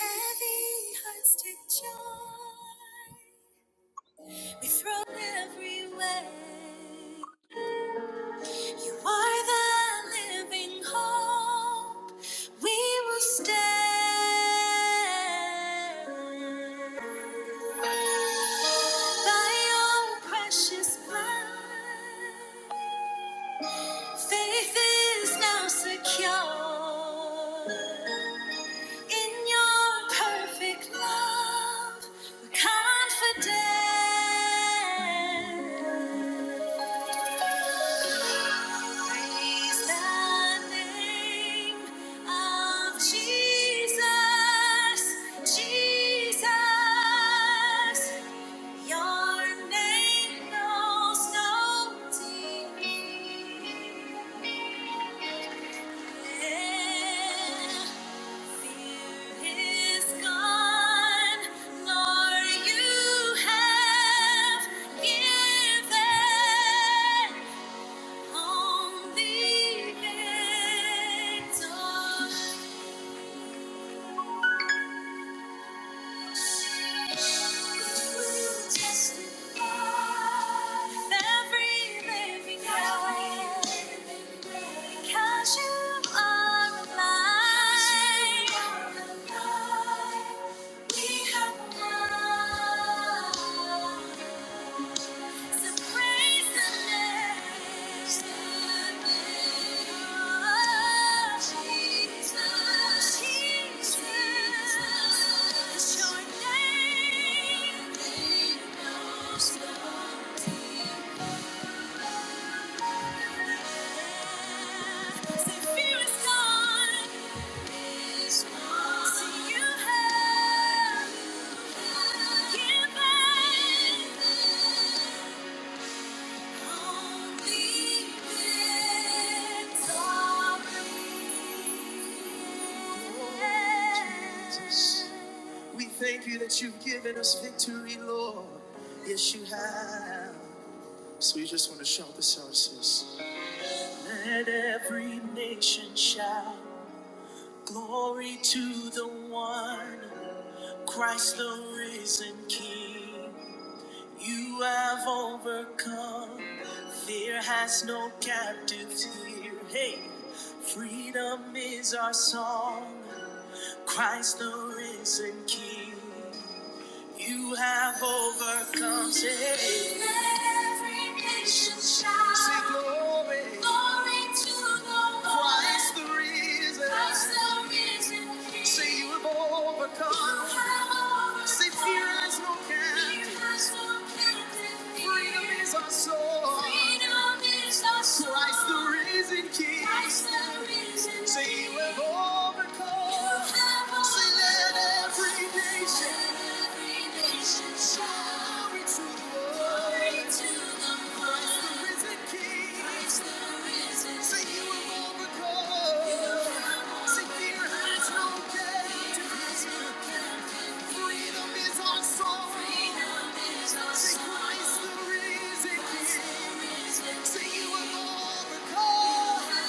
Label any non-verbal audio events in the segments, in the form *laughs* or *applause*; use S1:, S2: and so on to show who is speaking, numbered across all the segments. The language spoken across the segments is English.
S1: Heavy hearts take joy. We throw every weight. You are the living hope. We will stand by your precious blood. Faith is now secure. In your perfect love, we're confident. Praise the name of Jesus, Jesus. Your name knows no defeat. Thank you Thank you Thank you. To the one. Praise the King. Praise the risen King. Say you have overcome. Say you have overcome.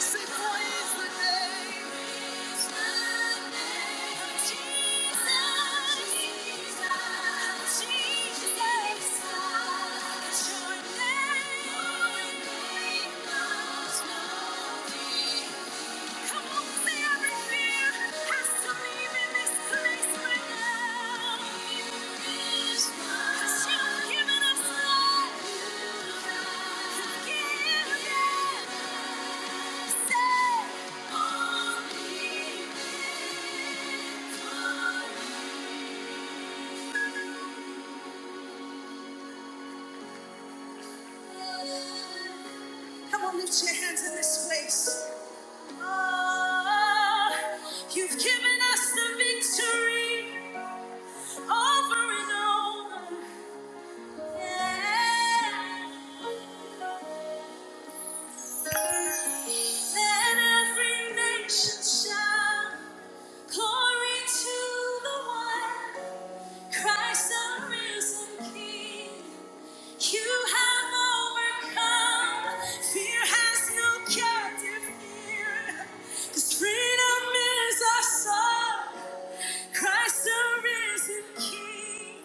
S1: Say praise the name. Yeah. Come on, lift your hands in this place. Oh, you've given us the victory over and over. Yeah. Let every nation shout glory to the one. Christ the risen King, you have overcome. Fear has no captive here, 'cause freedom is our song. Christ the risen King,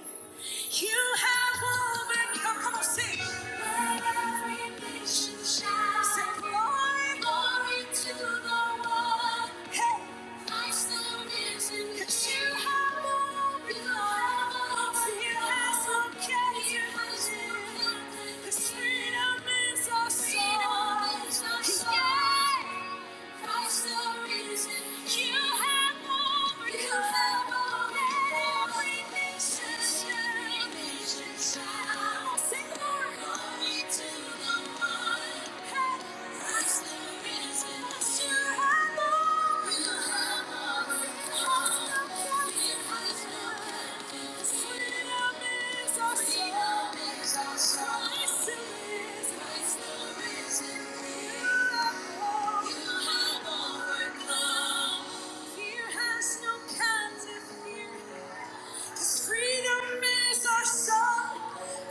S1: you have overcome. Come on, sing. Let every nation shout. Sing glory, glory to the one. Hey. Christ the risen King. 'cause You have overcome. You have overcome. You have overcome. 'Cause freedom is our song. Thank you. Freedom is our song.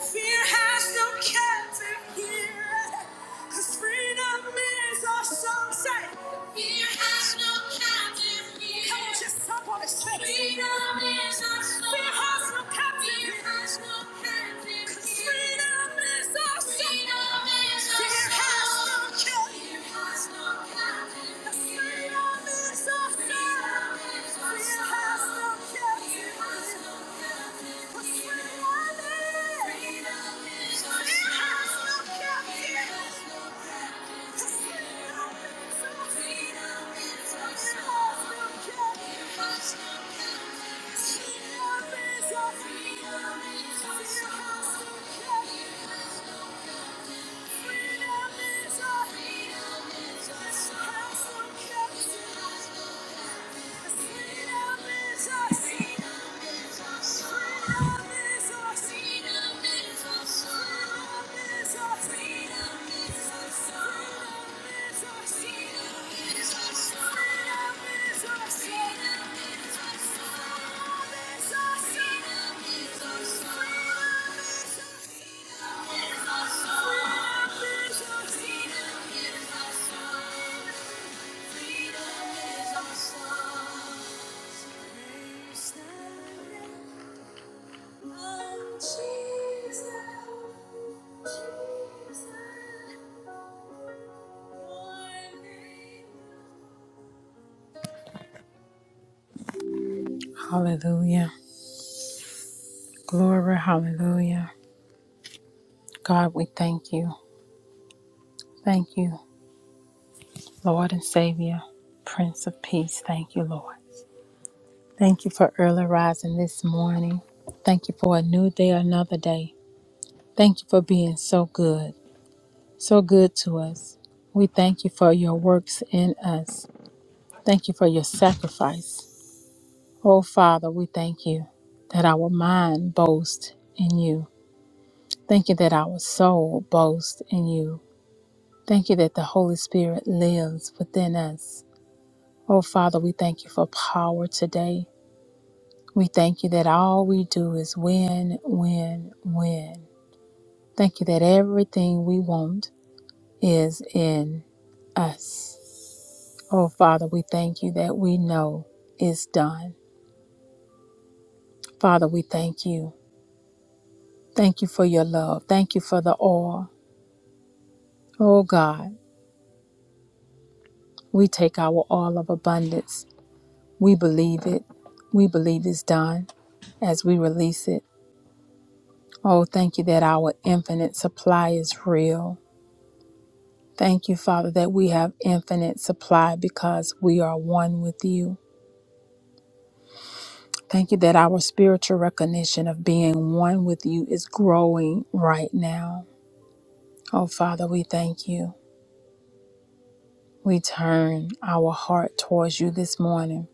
S1: Fear has no captive here. Cause freedom is our song. Fear has no captive here. Come on, just jump on his chest. Freedom is our song. Fear has no captive Fear has no captive. here. Freedom is our song. Freedom is our Fear has song. no song. captive. Fear has no captive. here. Freedom is our song. Freedom is our Fear has no song. no captive. Freedom is a freedom is a castle captive. Freedom is our freedom is our soul. Hallelujah. Glory, hallelujah. God, we thank you. Thank you, Lord and Savior, Prince of Peace. Thank you, Lord. Thank you for early rising this morning. Thank you for a new day, another day. Thank you for being so good. so good to us. We thank you for your works in us. Thank you for your sacrifice. Oh, Father, we thank you that our mind boasts in you. Thank you that our soul boasts in you. Thank you that the Holy Spirit lives within us. Oh, Father, we thank you for power today. We thank you that all we do is win, win, win. Thank you that everything we want is in us. Oh, Father, we thank you that we know is done. Father, we thank you. Thank you for your love. Thank you for the oil. Oh, God, we take our oil of abundance. We believe it. We believe it's done as we release it. Oh, thank you that our infinite supply is real. Thank you, Father, that we have infinite supply because we are one with you. Thank you that our spiritual recognition of being one with you is growing right now. Oh, Father, we thank you. We turn our heart towards you this morning.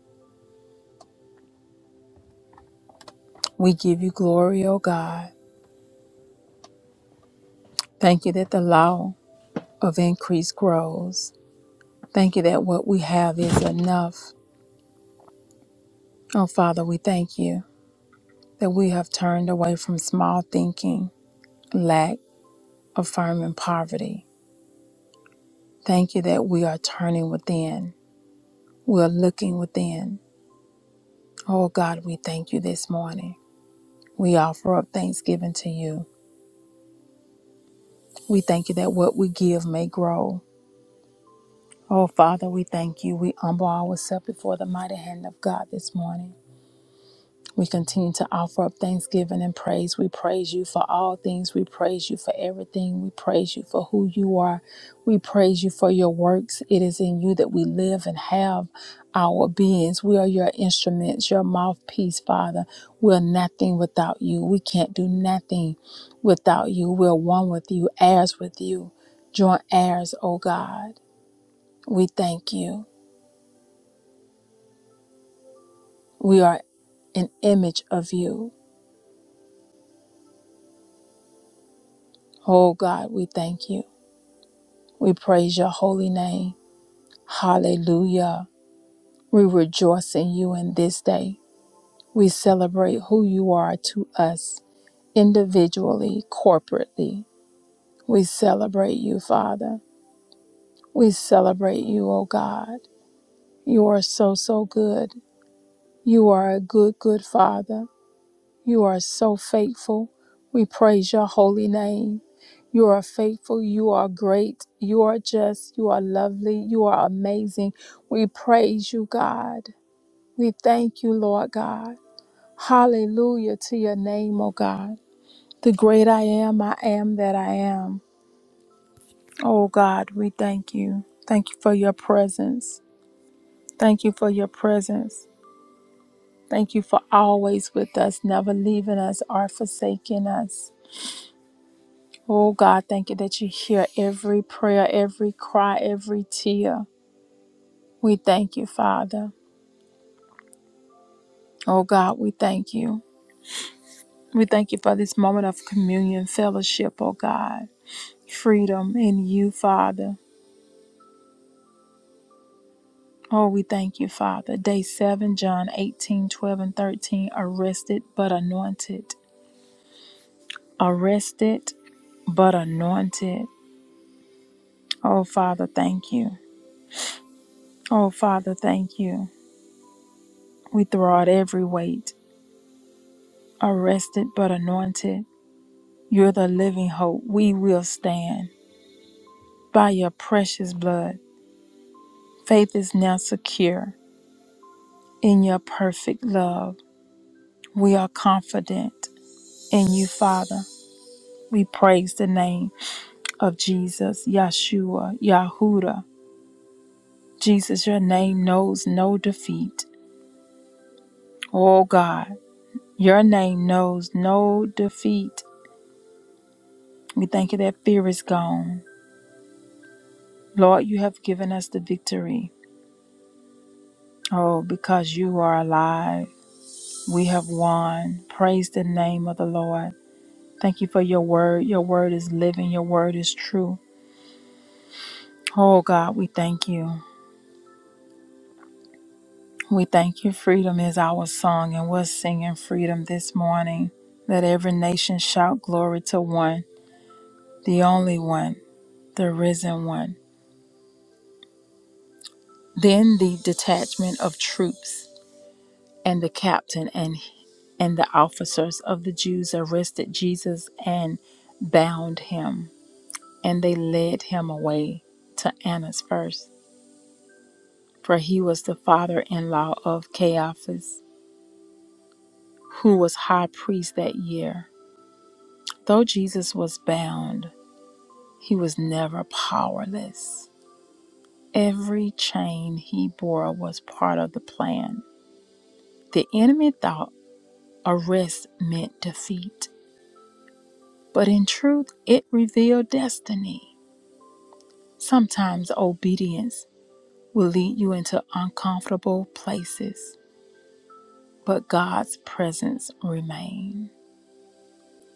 S1: We give you glory, O God. Thank you that the law of increase grows. Thank you that what we have is enough. Oh, Father, we thank you that we have turned away from small thinking, lack, affirming poverty. Thank you that we are turning within. We're looking within. Oh, God, we thank you this morning. We offer up thanksgiving to you. We thank you that what we give may grow. Oh, Father, we thank you. We humble ourselves before the mighty hand of God this morning. We continue to offer up thanksgiving and praise. We praise you for all things. We praise you for everything. We praise you for who you are. We praise you for your works. It is in you that we live and have our beings. We are your instruments, your mouthpiece, Father. We're nothing without you. We can't do nothing without you. We're one with you, heirs with you, joint heirs, oh God. We thank you. We are an image of you. Oh God, we thank you. We praise your holy name. Hallelujah. We rejoice in you in this day. We celebrate who you are to us individually, corporately. We celebrate you, Father. We celebrate you, oh God. You are so, so good. You are a good, good Father. You are so faithful. We praise your holy name. You are faithful. You are great. You are just. You are lovely. You are amazing. We praise you, God. We thank you, Lord God. Hallelujah to your name, O God. The great I am, I am that I am. Oh God, we thank you. Thank you for your presence. Thank you for your presence. Thank you for always with us, never leaving us or forsaking us. Oh God, thank you that you hear every prayer, every cry, every tear. We thank you, Father. Oh God, we thank you. We thank you for this moment of communion, fellowship, oh God. Freedom in you, Father. Oh, we thank you, Father. Day 7, John 18, 12 and 13. Arrested but anointed. Arrested but anointed. Oh, Father, thank you. Oh, Father, thank you. We throw out every weight. Arrested but anointed. You're the living hope. We will stand by your precious blood. Faith is now secure in your perfect love. We are confident in you, Father. We praise the name of Jesus, Yeshua, Yahuda. Jesus, your name knows no defeat. Oh God, your name knows no defeat. We thank you that fear is gone. Lord, you have given us the victory. Oh, because you are alive, we have won. Praise the name of the Lord. Thank you for your word. Your word is living, your word is true. Oh God, we thank you. We thank you. Freedom is our song, and we're singing freedom this morning. Let every nation shout glory to one, the only one, the risen one. Then the detachment of troops and the captain and and the officers of the Jews arrested Jesus and bound him, and they led him away to Annas first. for he was the father in law of Caiaphas, who was high priest that year. Though Jesus was bound, he was never powerless. Every chain he bore was part of the plan. The enemy thought arrest meant defeat, but in truth, it revealed destiny. Sometimes obedience will lead you into uncomfortable places, but God's presence remains.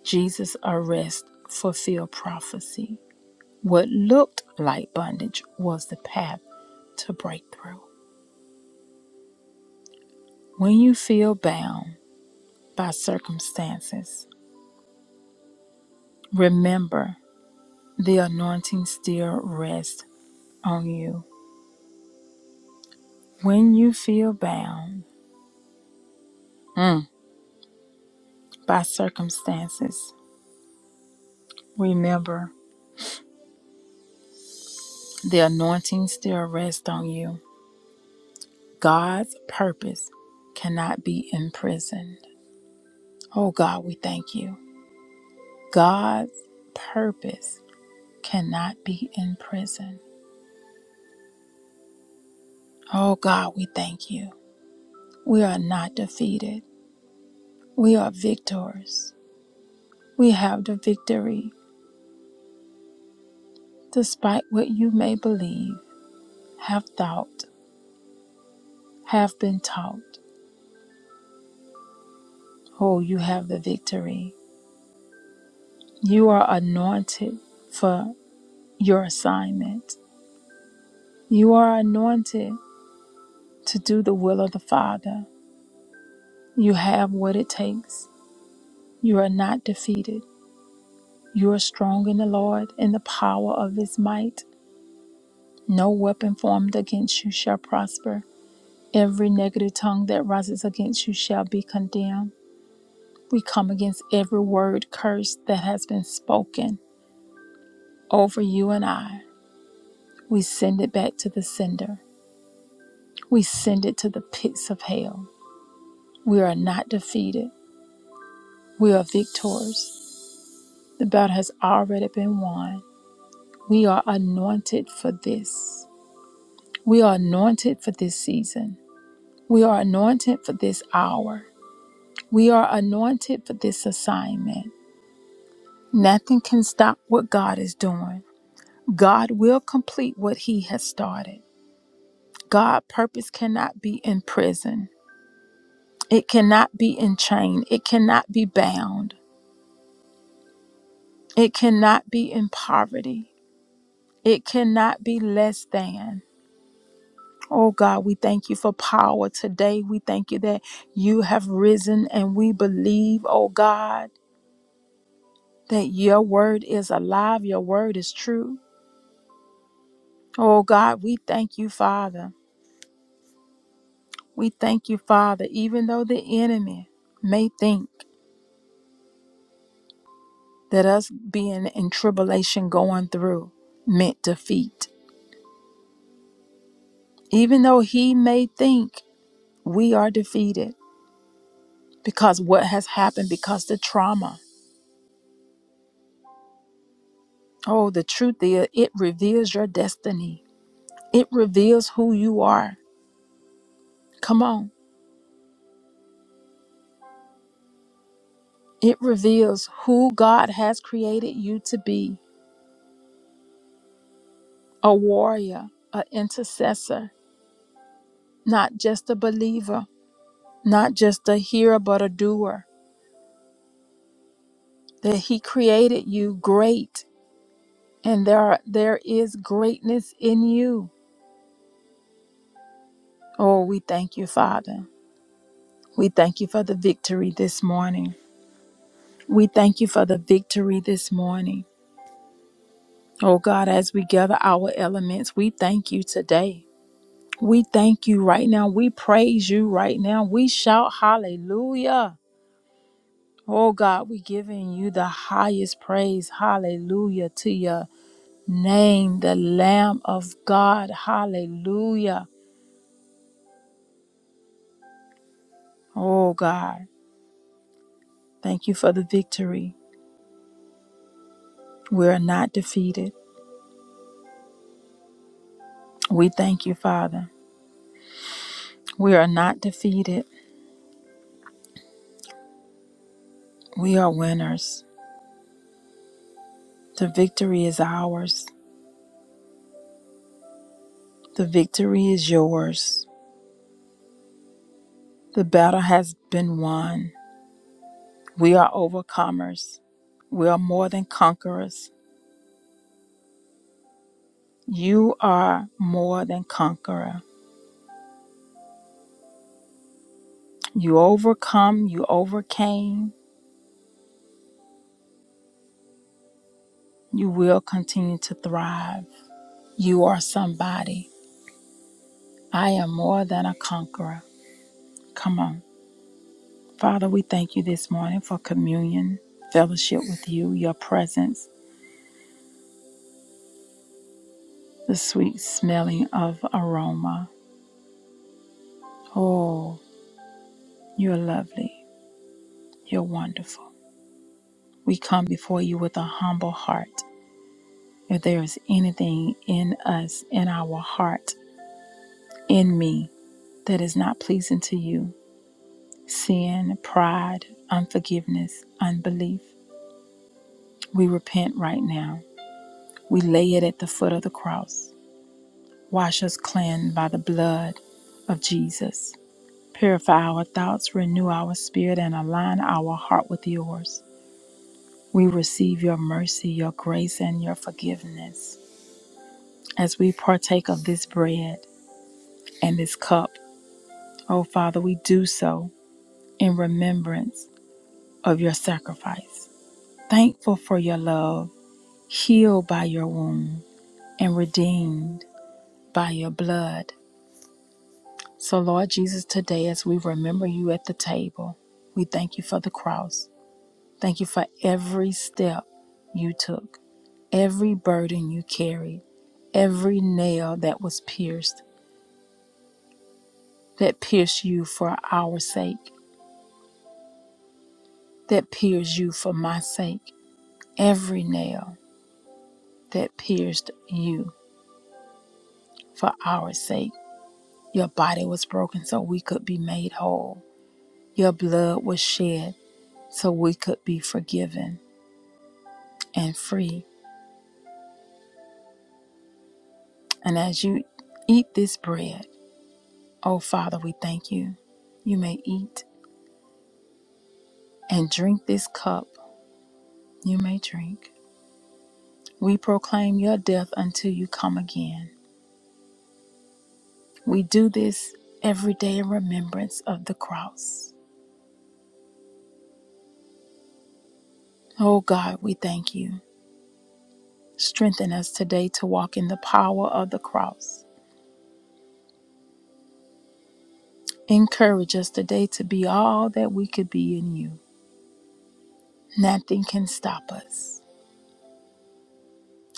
S1: Jesus' arrest fulfilled prophecy. What looked like bondage was the path to breakthrough. When you feel bound by circumstances, remember the anointing still rests on you. When you feel bound mm, by circumstances, remember the anointing still rests on you. God's purpose cannot be imprisoned. Oh God, we thank you. God's purpose cannot be in prison. Oh God, we thank you. We are not defeated. We are victors. We have the victory, despite what you may believe, have thought, have been taught. Oh, you have the victory. You are anointed for your assignment. You are anointed to do the will of the Father. You have what it takes. You are not defeated. You are strong in the Lord and the power of his might. No weapon formed against you shall prosper. Every negative tongue that rises against you shall be condemned. We come against every word curse that has been spoken over you and I. We send it back to the sender. We send it to the pits of hell. We are not defeated. We are victors. The battle has already been won. We are anointed for this. We are anointed for this season. We are anointed for this hour. We are anointed for this assignment. Nothing can stop what God is doing. God will complete what He has started. God' purpose cannot be in prison. It cannot be in chain. It cannot be bound. It cannot be in poverty. It cannot be less than. Oh God, we thank you for power today. We thank you that you have risen and we believe, oh God. that your word is alive, your word is true. Oh God, we thank you, Father. We thank you, Father, even though the enemy may think that us being in tribulation going through meant defeat, even though he may think we are defeated because what has happened, because the trauma. Oh, the truth is, it reveals your destiny, it reveals who you are. Come on, it reveals who God has created you to be. a warrior, an intercessor, not just a believer, not just a hearer, but a doer. That He created you great, and there are, there is greatness in you. Oh, we thank you, Father. We thank you for the victory this morning. We thank you for the victory this morning. Oh God, as we gather our elements, we thank you today. We thank you right now. We praise you right now. We shout hallelujah. Oh God, we giving you the highest praise. Hallelujah to your name, the Lamb of God. Hallelujah. Oh God, thank you for the victory. We are not defeated. We thank you, Father. We are not defeated. We are winners. The victory is ours. The victory is yours. The battle has been won. We are overcomers. We are more than conquerors. You are more than conqueror. You overcome, you overcame, you will continue to thrive. You are somebody. I am more than a conqueror. Come on. Father, we thank you this morning for communion, fellowship with you, your presence, the sweet smelling of aroma. Oh, you're lovely. You're wonderful. We come before you with a humble heart. If there is anything in us, in our heart, in me, that is not pleasing to you, sin, pride, unforgiveness, unbelief. We repent right now. We lay it at the foot of the cross. Wash us clean by the blood of Jesus. Purify our thoughts, renew our spirit, and align our heart with yours. We receive your mercy, your grace, and your forgiveness as we partake of this bread and this cup. Oh, Father, we do so in remembrance of your sacrifice. Thankful for your love healed by your wound, and redeemed by your blood. So, Lord Jesus, today as we remember you at the table, we thank you for the cross. Thank you for every step you took, every burden you carried, every nail that was pierced, that pierced you for our sake, that pierced you for my sake, every nail that pierced you for our sake. Your body was broken so we could be made whole. Your blood was shed so we could be forgiven and free. And as you eat this bread, oh Father, we thank you. You may eat and drink this cup. You may drink. We proclaim your death until you come again. We do this every day in remembrance of the cross. Oh God, we thank you. Strengthen us today to walk in the power of the cross. Encourage us today to be all that we could be in you. Nothing can stop us.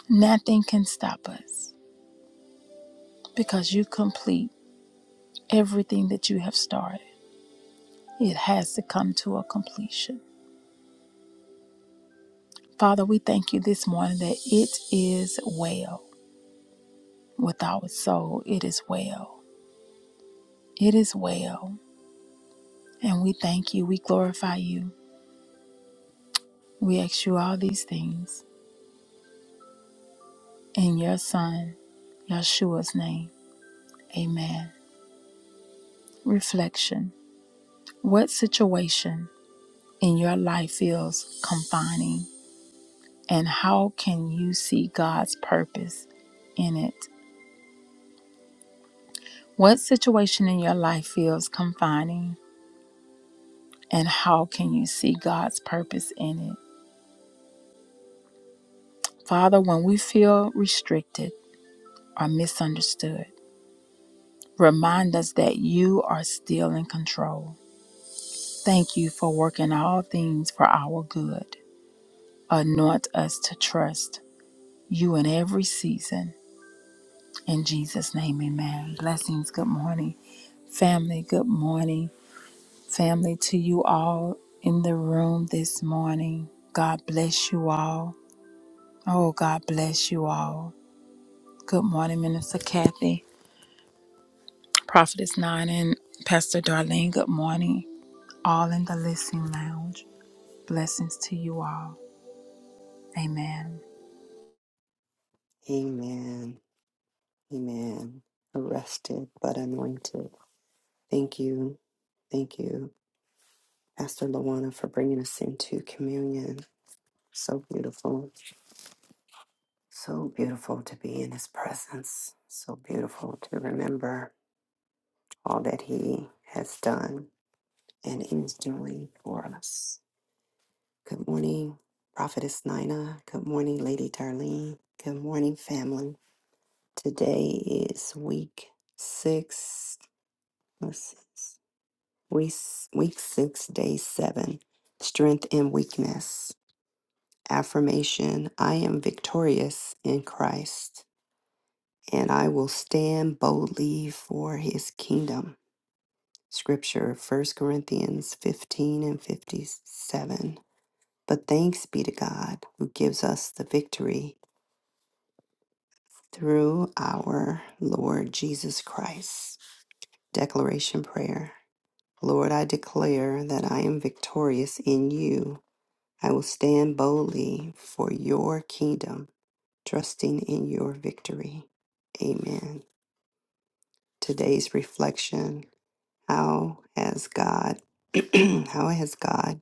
S1: Nothing can stop us because you complete everything that you have started. It has to come to a completion. Father, we thank you this morning that it is well with our soul. It is well. It is well. And we thank you. We glorify you. We ask you all these things in your Son, Yeshua's name. Amen. Reflection What situation in your life feels confining? And how can you see God's purpose in it? What situation in your life feels confining? And how can you see God's purpose in it? Father, when we feel restricted or misunderstood, remind us that you are still in control. Thank you for working all things for our good. Anoint us to trust you in every season. In Jesus' name, amen. Blessings, good morning. Family, good morning. family, to you all in the room this morning. God bless you all. Oh, God bless you all. Good morning, Minister Kathy, Prophetess Nine, and Pastor Darlene. Good morning, all in the listening lounge. Blessings to you all. Amen.
S2: Amen. Amen. Arrested but anointed. Thank you. Thank you, Pastor Lawana, for bringing us into communion. So beautiful. So beautiful to be in his presence. So beautiful to remember all that he has done and is doing for us. Good morning, Prophetess Nina. Good morning, Lady Darlene. Good morning, family. Today is week six. Let's see. Week, week six, day seven strength and weakness. Affirmation I am victorious in Christ, and I will stand boldly for his kingdom. Scripture First Corinthians 15 and 57. But thanks be to God who gives us the victory through our Lord Jesus Christ. Declaration Prayer Lord, I declare that I am victorious in you I will stand boldly for your kingdom, trusting in your victory. Amen. Today's reflection How has God, *clears throat* how has God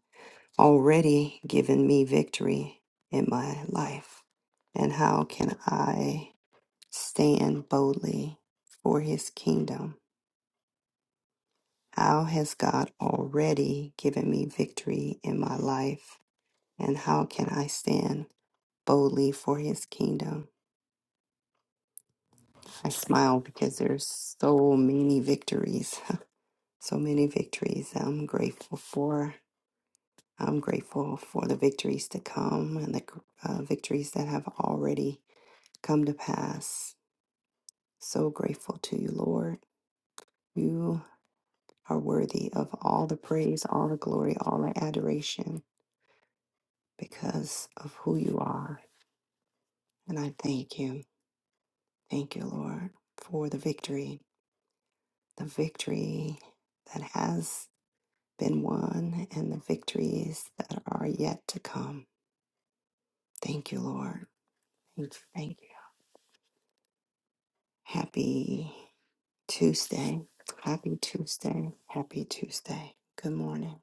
S2: already given me victory in my life? And how can I stand boldly for his kingdom? How has God already given me victory in my life? And how can I stand boldly for his kingdom? I smile because there's so many victories, *laughs* so many victories. I'm grateful for. I'm grateful for the victories to come and the uh, victories that have already come to pass. So grateful to you, Lord. You are worthy of all the praise, all the glory, all the adoration because of who you are. And I thank you. Thank you, Lord, for the victory, the victory that has been won and the victories that are yet to come. Thank you, Lord. Thank you. Thank you. Happy Tuesday. Happy Tuesday. Happy Tuesday. Good morning.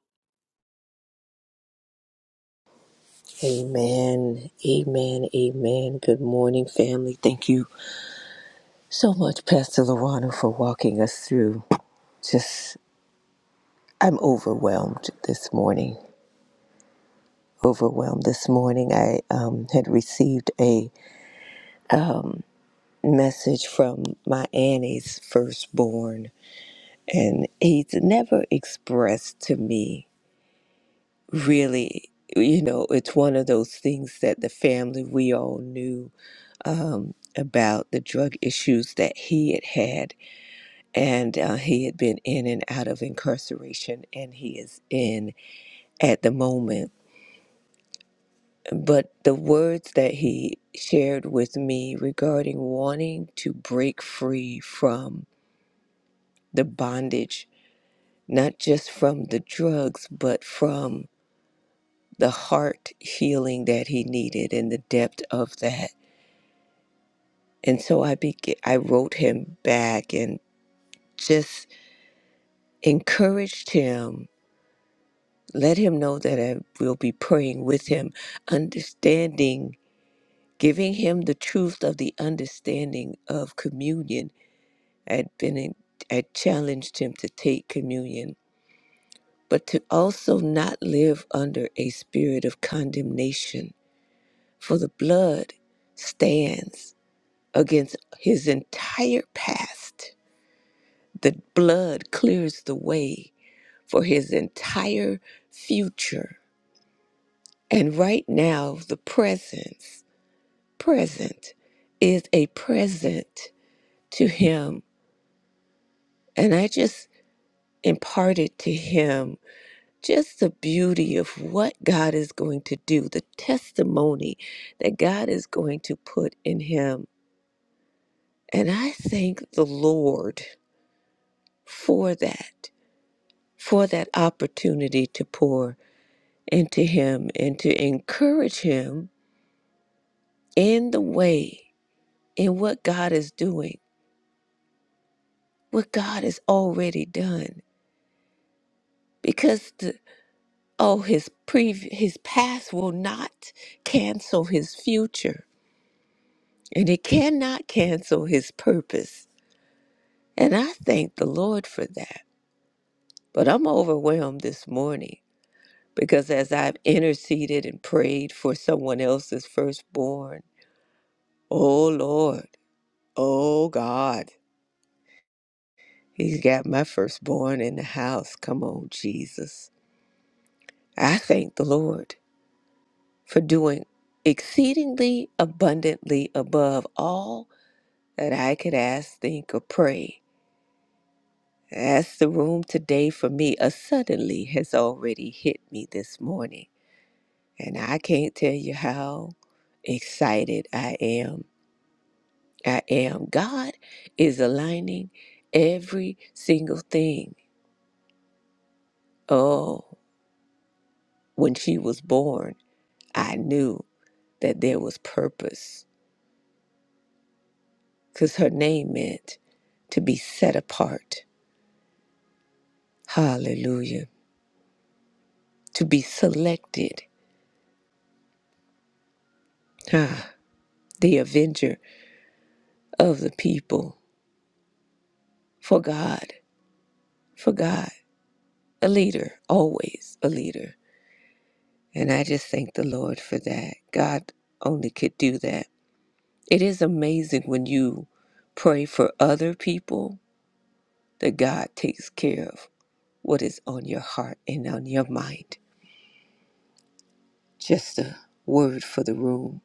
S3: Amen. Amen. Amen. Good morning, family. Thank you so much, Pastor Lorana, for walking us through. Just, I'm overwhelmed this morning. Overwhelmed this morning. I um, had received a message from my Annie's firstborn, and he's never expressed to me really. You know, it's one of those things that the family we all knew um, about the drug issues that he had had and uh, he had been in and out of incarceration, and he is in at the moment. But the words that he shared with me regarding wanting to break free from the bondage, not just from the drugs, but from the heart healing that he needed and the depth of that. And so I began, I wrote him back and just encouraged him Let him know that I will be praying with him, understanding, giving him the truth of the understanding of communion. I'd been in, I challenged him to take communion, but to also not live under a spirit of condemnation, for the blood stands against his entire past. The blood clears the way for his entire future. And right now, the presence present is a present to him. And I just imparted to him just the beauty of what God is going to do, the testimony that God is going to put in him. And I thank the Lord for that, for that opportunity to pour into him and to encourage him in the way, in what God is doing, what God has already done. Because the oh his pre his past will not cancel his future and it cannot cancel his purpose and i thank the lord for that but i'm overwhelmed this morning because as i've interceded and prayed for someone else's firstborn oh lord oh god he's got my firstborn in the house come on jesus i thank the lord for doing exceedingly abundantly above all that I could ask, think, or pray. As the room today for me, a suddenly has already hit me this morning. And I can't tell you how excited I am. I am. God is aligning every single thing. Oh, when she was born, I knew that there was purpose because her name meant to be set apart. Hallelujah. To be selected. Ah, the Avenger. of the people for God, for God, a leader, always a leader. And I just thank the Lord for that. God only could do that. It is amazing when you pray for other people that God takes care of what is on your heart and on your mind. Just a word for the room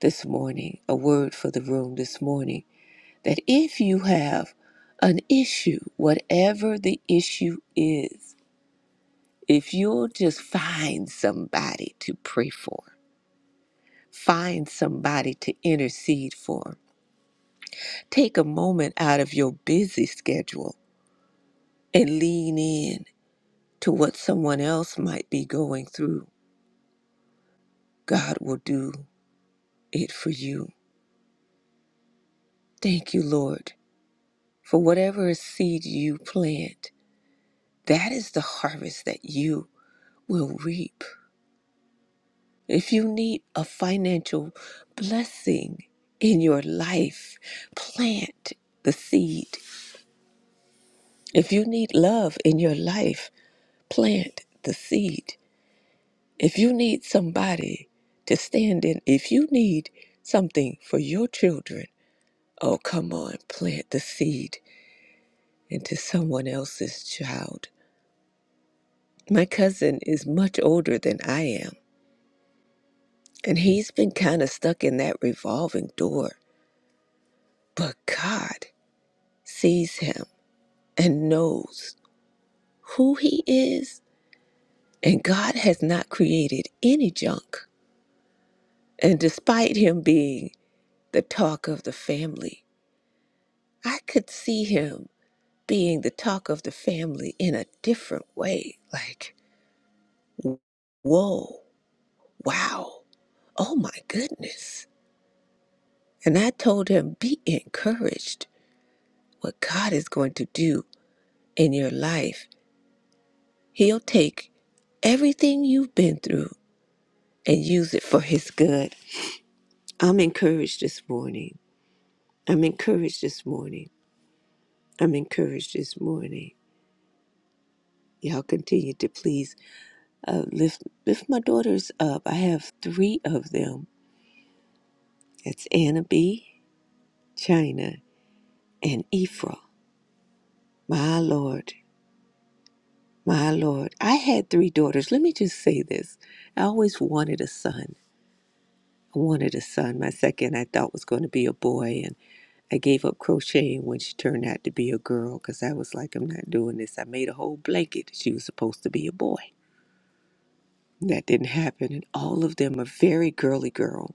S3: this morning, a word for the room this morning that if you have an issue, whatever the issue is, If you'll just find somebody to pray for, find somebody to intercede for, take a moment out of your busy schedule and lean in to what someone else might be going through, God will do it for you. Thank you, Lord, for whatever seed you plant, that is the harvest that you will reap. If you need a financial blessing in your life, plant the seed. If you need love in your life, plant the seed. If you need somebody to stand in, if you need something for your children, oh, come on, plant the seed into someone else's child. My cousin is much older than I am, and he's been kind of stuck in that revolving door, but God sees him and knows who he is. And God has not created any junk. And despite him being the talk of the family, I could see him being the talk of the family in a different way. Like, whoa, wow, oh my goodness. And I told him, be encouraged. What God is going to do in your life, he'll take everything you've been through and use it for his good. I'm encouraged this morning. I'm encouraged this morning. I'm encouraged this morning. Y'all continue to please uh, lift lift my daughters up. I have three of them. It's Anna B, China, and Ephra. My Lord, my Lord. I had three daughters. Let me just say this. I always wanted a son. I wanted a son. My second I thought was going to be a boy I gave up crocheting when she turned out to be a girl because I was like, I'm not doing this. I made a whole blanket. She was supposed to be a boy. That didn't happen. And all of them are very girly girl.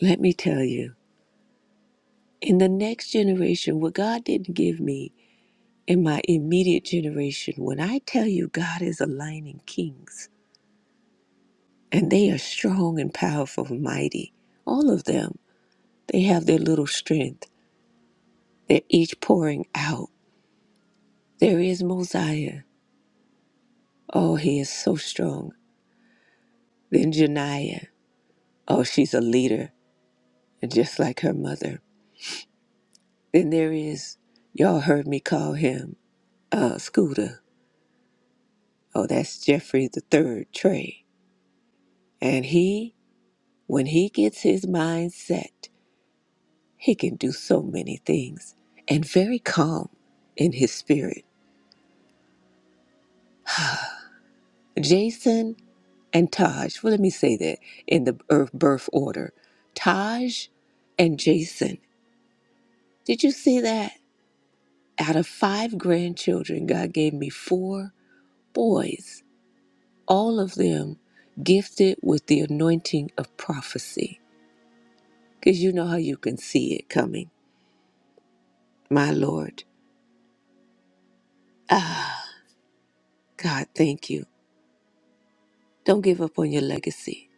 S3: Let me tell you, in the next generation, what God didn't give me in my immediate generation, when I tell you God is aligning kings and they are strong and powerful and mighty, all of them, they have their little strength. They're each pouring out. There is Mosiah. Oh, he is so strong. Then Janiyah. Oh, she's a leader, and just like her mother. Then there is, y'all heard me call him uh, Scooter. Oh, that's Jeffrey the Third Trey. And he, when he gets his mind set, he can do so many things, and very calm in his spirit. Jason and Taj. Well, let me say that in the birth birth order. Taj and Jason. Did you see that? Out of five grandchildren, God gave me four boys, all of them gifted with the anointing of prophecy. Because you know how you can see it coming. My Lord. Ah, God, thank you. Don't give up on your legacy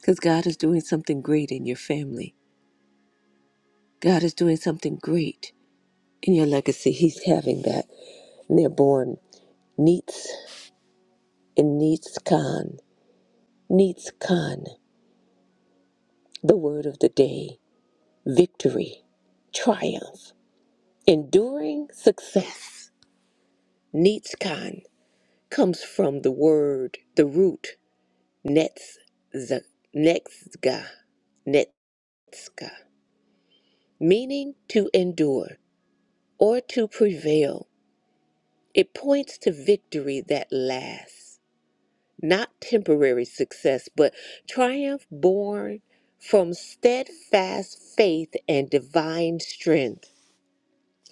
S3: because God is doing something great in your family. God is doing something great in your legacy. He's having that. And they're born Neets and Neets Khan. Neets Khan, the word of the day. victory, triumph, enduring success. Nitzkan comes from the word, the root netz, netzga, netzka, meaning to endure or to prevail. It points to victory that lasts, not temporary success, but triumph born from steadfast faith and divine strength.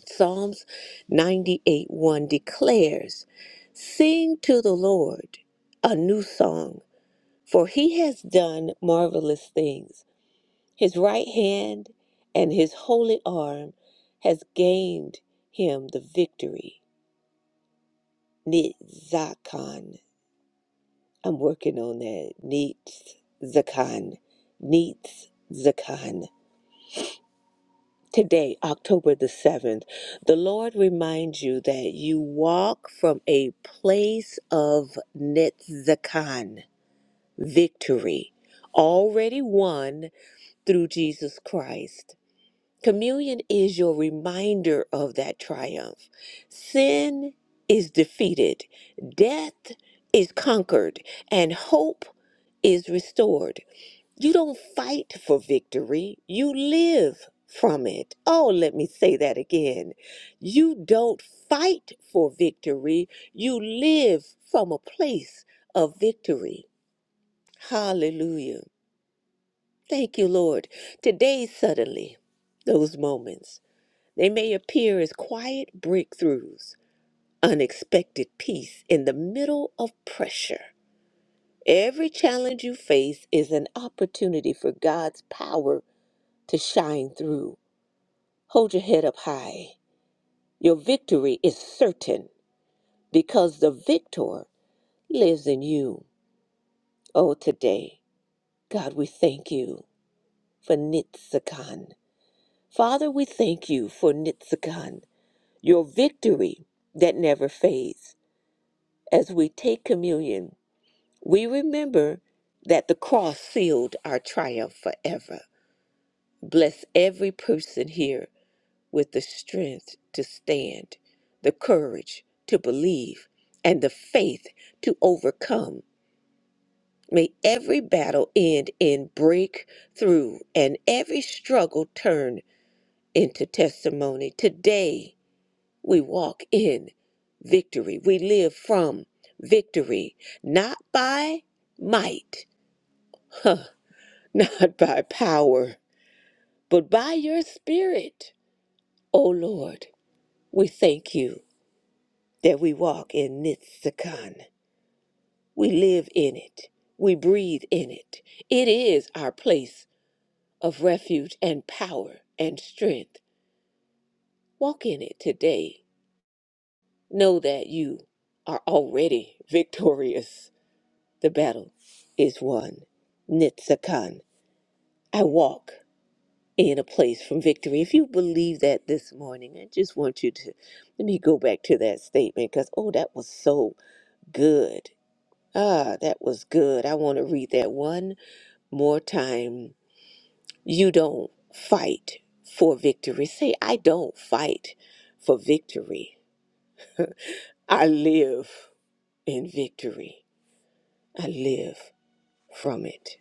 S3: Psalms 98 1 declares, Sing to the Lord a new song, for he has done marvelous things. His right hand and his holy arm has gained him the victory. Nitzakan. I'm working on that. Nitzakan. Nitzakan. Today, October the 7th, the Lord reminds you that you walk from a place of Netzakan, victory, already won through Jesus Christ. Communion is your reminder of that triumph. Sin is defeated, death is conquered, and hope is restored. You don't fight for victory, you live from it. Oh, let me say that again. You don't fight for victory, you live from a place of victory. Hallelujah. Thank you, Lord. Today, suddenly, those moments, they may appear as quiet breakthroughs, unexpected peace in the middle of pressure. Every challenge you face is an opportunity for God's power to shine through. Hold your head up high. Your victory is certain because the victor lives in you. Oh, today, God, we thank you for Nitzakan. Father, we thank you for Nitzakan, your victory that never fades. As we take communion, we remember that the cross sealed our triumph forever. Bless every person here with the strength to stand, the courage to believe, and the faith to overcome. May every battle end in breakthrough and every struggle turn into testimony. Today, we walk in victory. We live from victory, not by might, *laughs* not by power, but by your spirit. O Lord, we thank you. that we walk in Nitsakan. We live in it. We breathe in it. It is our place of refuge and power and strength. Walk in it today. Know that you are already *laughs* victorious. The battle is won. Nitsakan. I walk in a place from victory. If you believe that this morning, I just want you to let me go back to that statement because, oh, that was so good Ah, that was good. I want to read that one more time. You don't fight for victory. Say, I don't fight for victory. I live in victory. I live from it.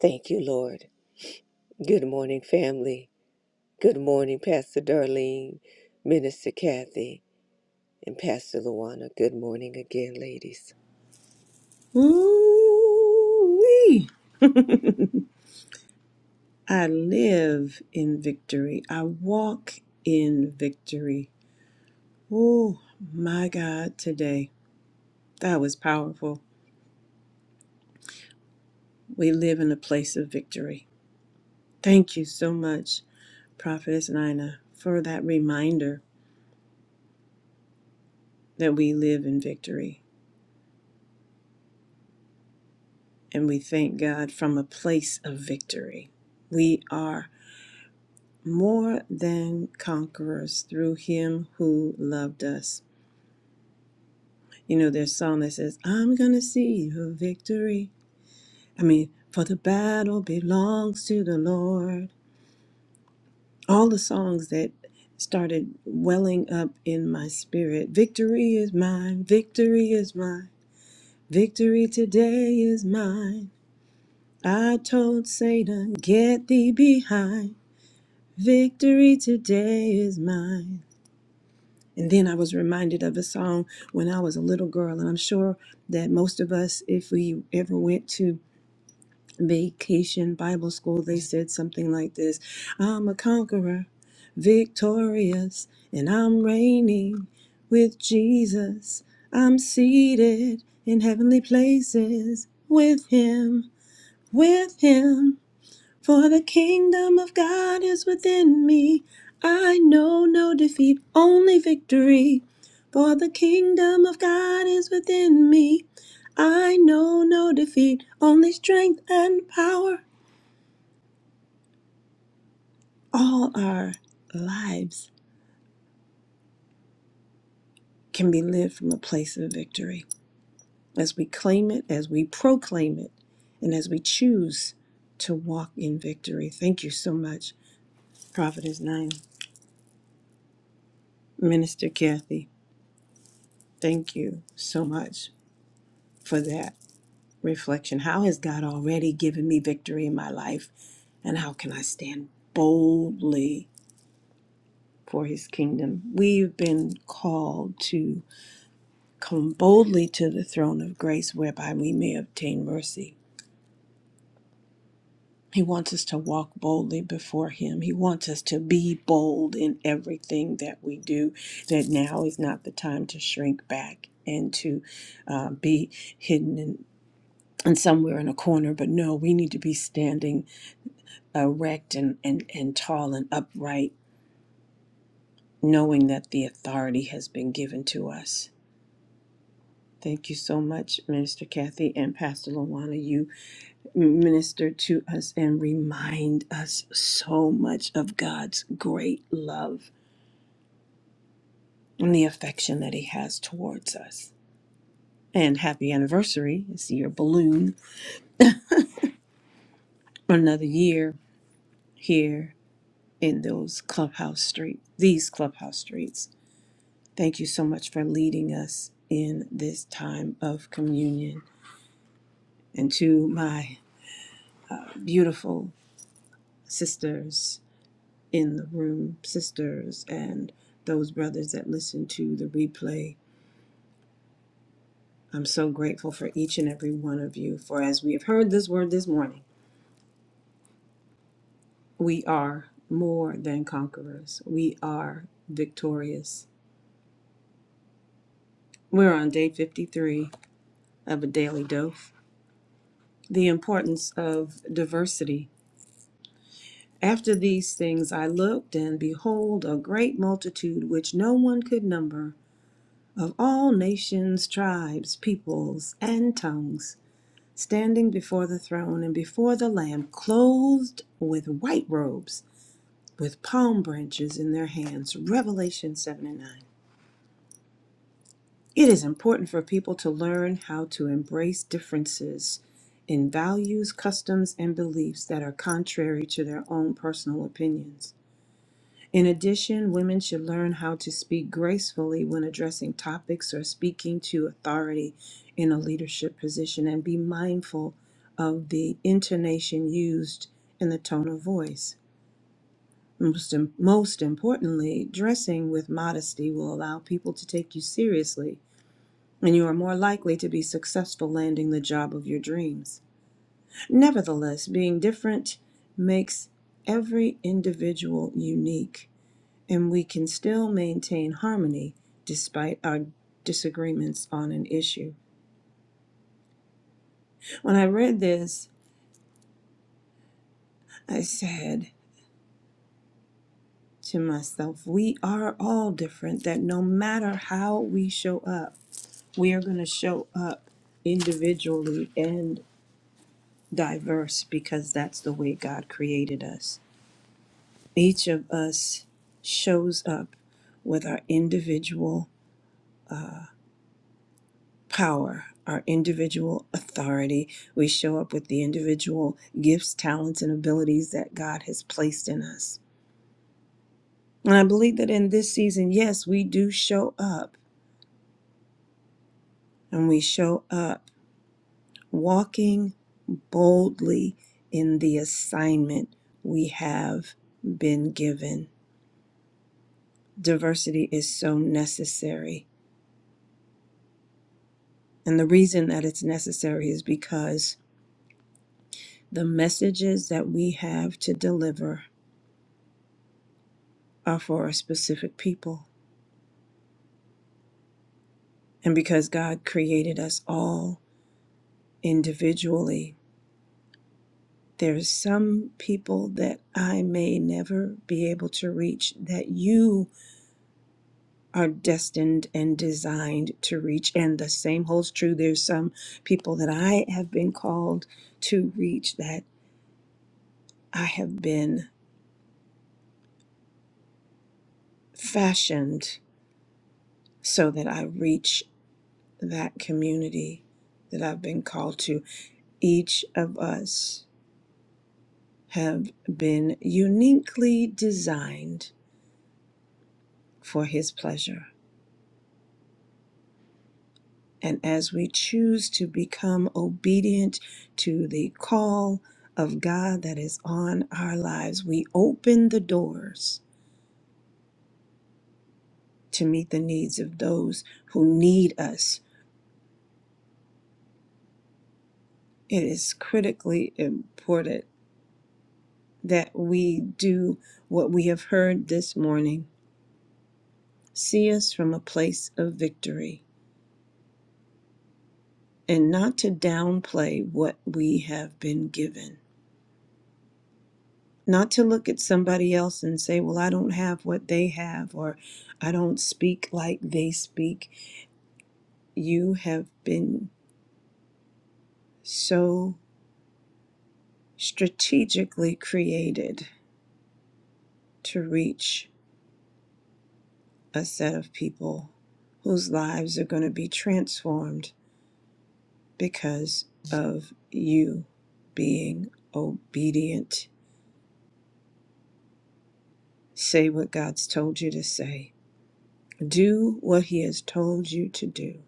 S3: Thank you, Lord. Good morning, family. Good morning, Pastor Darlene, Minister Kathy, and Pastor Luana. Good morning again, ladies.
S4: Ooh-wee. I live in victory. I walk in victory. Oh my God, today. That was powerful. We live in a place of victory. Thank you so much, Prophetess Nina, for that reminder that we live in victory. And we thank God from a place of victory. We are more than conquerors through Him who loved us. You know, there's a song that says, I'm going to see a victory. I mean, for the battle belongs to the Lord. All the songs that started welling up in my spirit. Victory is mine. Victory is mine. Victory today is mine. I told Satan, get thee behind. Victory today is mine. And then I was reminded of a song when I was a little girl, and I'm sure that most of us, if we ever went to vacation Bible school, they said something like this I'm a conqueror, victorious, and I'm reigning with Jesus. I'm seated in heavenly places with Him, with Him. For the kingdom of God is within me. I know no defeat, only victory. For the kingdom of God is within me. I know no defeat, only strength and power. All our lives can be lived from a place of victory as we claim it, as we proclaim it, and as we choose to walk in victory. Thank you so much, Prophetess Nine, Minister Kathy. Thank you so much for that reflection. How has God already given me victory in my life? And how can I stand boldly for his kingdom? We've been called to come boldly to the throne of grace whereby we may obtain mercy. He wants us to walk boldly before him. He wants us to be bold in everything that we do, that now is not the time to shrink back and to uh, be hidden in, and somewhere in a corner. But no, we need to be standing erect and, and, and tall and upright, knowing that the authority has been given to us. Thank you so much, Minister Kathy and Pastor Lawana. You minister to us and remind us so much of God's great love and the affection that He has towards us. And happy anniversary. It's your balloon. Another year here in those clubhouse streets, these clubhouse streets. Thank you so much for leading us in this time of communion. And to my beautiful sisters in the room, sisters, and those brothers that listen to the replay, I'm so grateful for each and every one of you. For as we have heard this word this morning, we are more than conquerors, we are victorious. We're on day 53 of a daily dose. The importance of diversity After these things I looked, and behold, a great multitude which no one could number, of all nations, tribes, peoples, and tongues, standing before the throne and before the Lamb, clothed with white robes, with palm branches in their hands. Revelation 7 and 9. It is important for people to learn how to embrace differences in values, customs, and beliefs that are contrary to their own personal opinions. In addition, women should learn how to speak gracefully when addressing topics or speaking to authority in a leadership position and be mindful of the intonation used and the tone of voice. Most, im- most importantly, dressing with modesty will allow people to take you seriously and you are more likely to be successful landing the job of your dreams. Nevertheless, being different makes every individual unique and we can still maintain harmony despite our disagreements on an issue. When I read this, I said to myself, we are all different, that no matter how we show up, we are going to show up individually and diverse because that's the way God created us. Each of us shows up with our individual power, our individual authority. We show up with the individual gifts, talents, and abilities that God has placed in us. And I believe that in this season, yes, we do show up and we show up walking boldly in the assignment we have been given. Diversity is so necessary. And the reason that it's necessary is because the messages that we have to deliver are for a specific people. And because God created us all individually, there's some people that I may never be able to reach that you are destined and designed to reach. And the same holds true. There's some people that I have been called to reach that I have been fashioned so that I reach that community that I've been called to. Each of us have been uniquely designed for His pleasure. And as we choose to become obedient to the call of God that is on our lives, we open the doors to meet the needs of those who need us. It is critically important that we do what we have heard this morning. See us from a place of victory and not to downplay what we have been given not to look at somebody else and say, Well, I don't have what they have, or I don't speak like they speak. You have been so strategically created to reach a set of people whose lives are going to be transformed because of you being obedient. Say what God's told you to say, do what He has told you to do,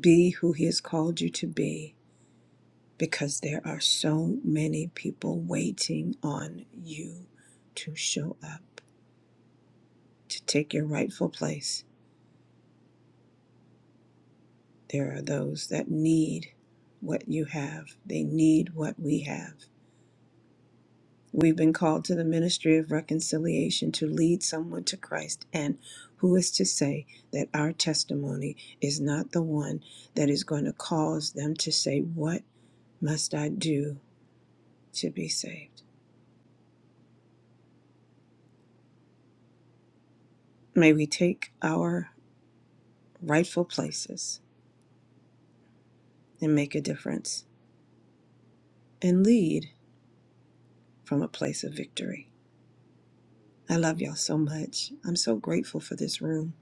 S4: be who He has called you to be because there are so many people waiting on you to show up, to take your rightful place. There are those that need what you have, they need what we have. We've been called to the ministry of reconciliation to lead someone to Christ. And who is to say that our testimony is not the one that is going to cause them to say, What must I do to be saved? May we take our rightful places and make a difference and lead from a place of victory. I love y'all so much. I'm so grateful for this room.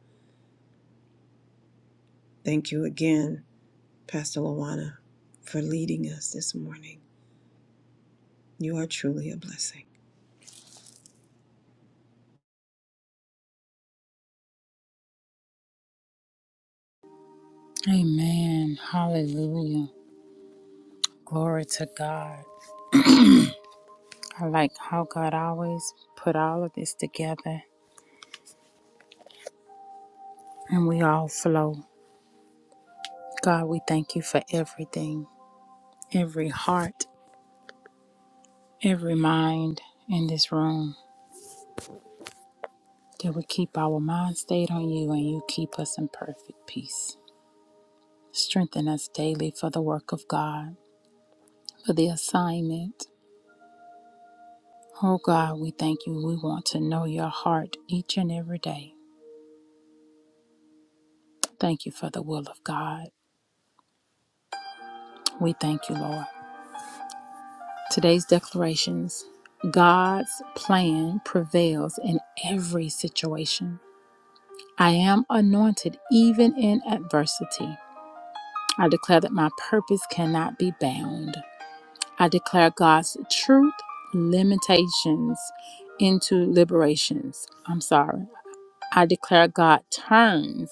S4: Thank you again, Pastor Lawana, for leading us this morning. You are truly a blessing.
S1: Amen. Hallelujah. Glory to God. I like how God always put all of this together and we all flow. God, we thank you for everything, every heart every mind in this room that would keep our mind stayed on you and you keep us in perfect peace. Strengthen us daily for the work of God, for the assignment. Oh God, we thank you. We want to know your heart each and every day. Thank you for the will of God. We thank you, Lord. Today's declarations God's plan prevails in every situation. I am anointed even in adversity. I declare that my purpose cannot be bound. I declare God's truth limitations into liberations. I'm sorry. I declare God turns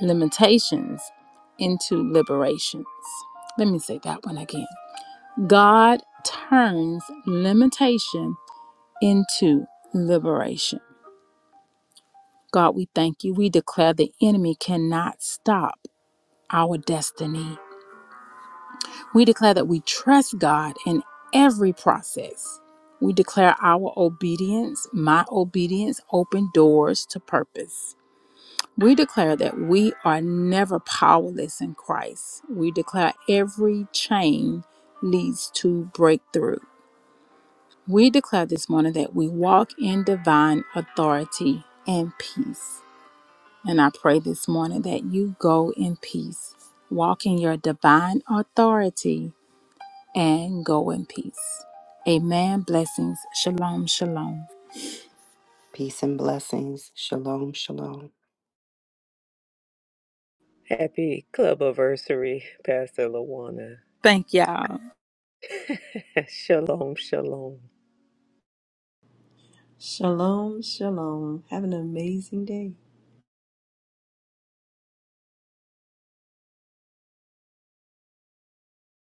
S1: limitations into liberations. Let me say that one again. God turns limitation into liberation. God, we thank you. We declare the enemy cannot stop our destiny. We declare that we trust God in every process. We declare our obedience, my obedience, open doors to purpose. We declare that we are never powerless in Christ. We declare every chain leads to breakthrough. We declare this morning that we walk in divine authority and peace. And I pray this morning that you go in peace. Walk in your divine authority and go in peace. Amen. Blessings. Shalom. Shalom.
S2: Peace and blessings. Shalom, shalom.
S3: Happy club anniversary, Pastor Luana.
S1: Thank y'all.
S3: *laughs* shalom, shalom.
S4: Shalom, shalom. Have an amazing day.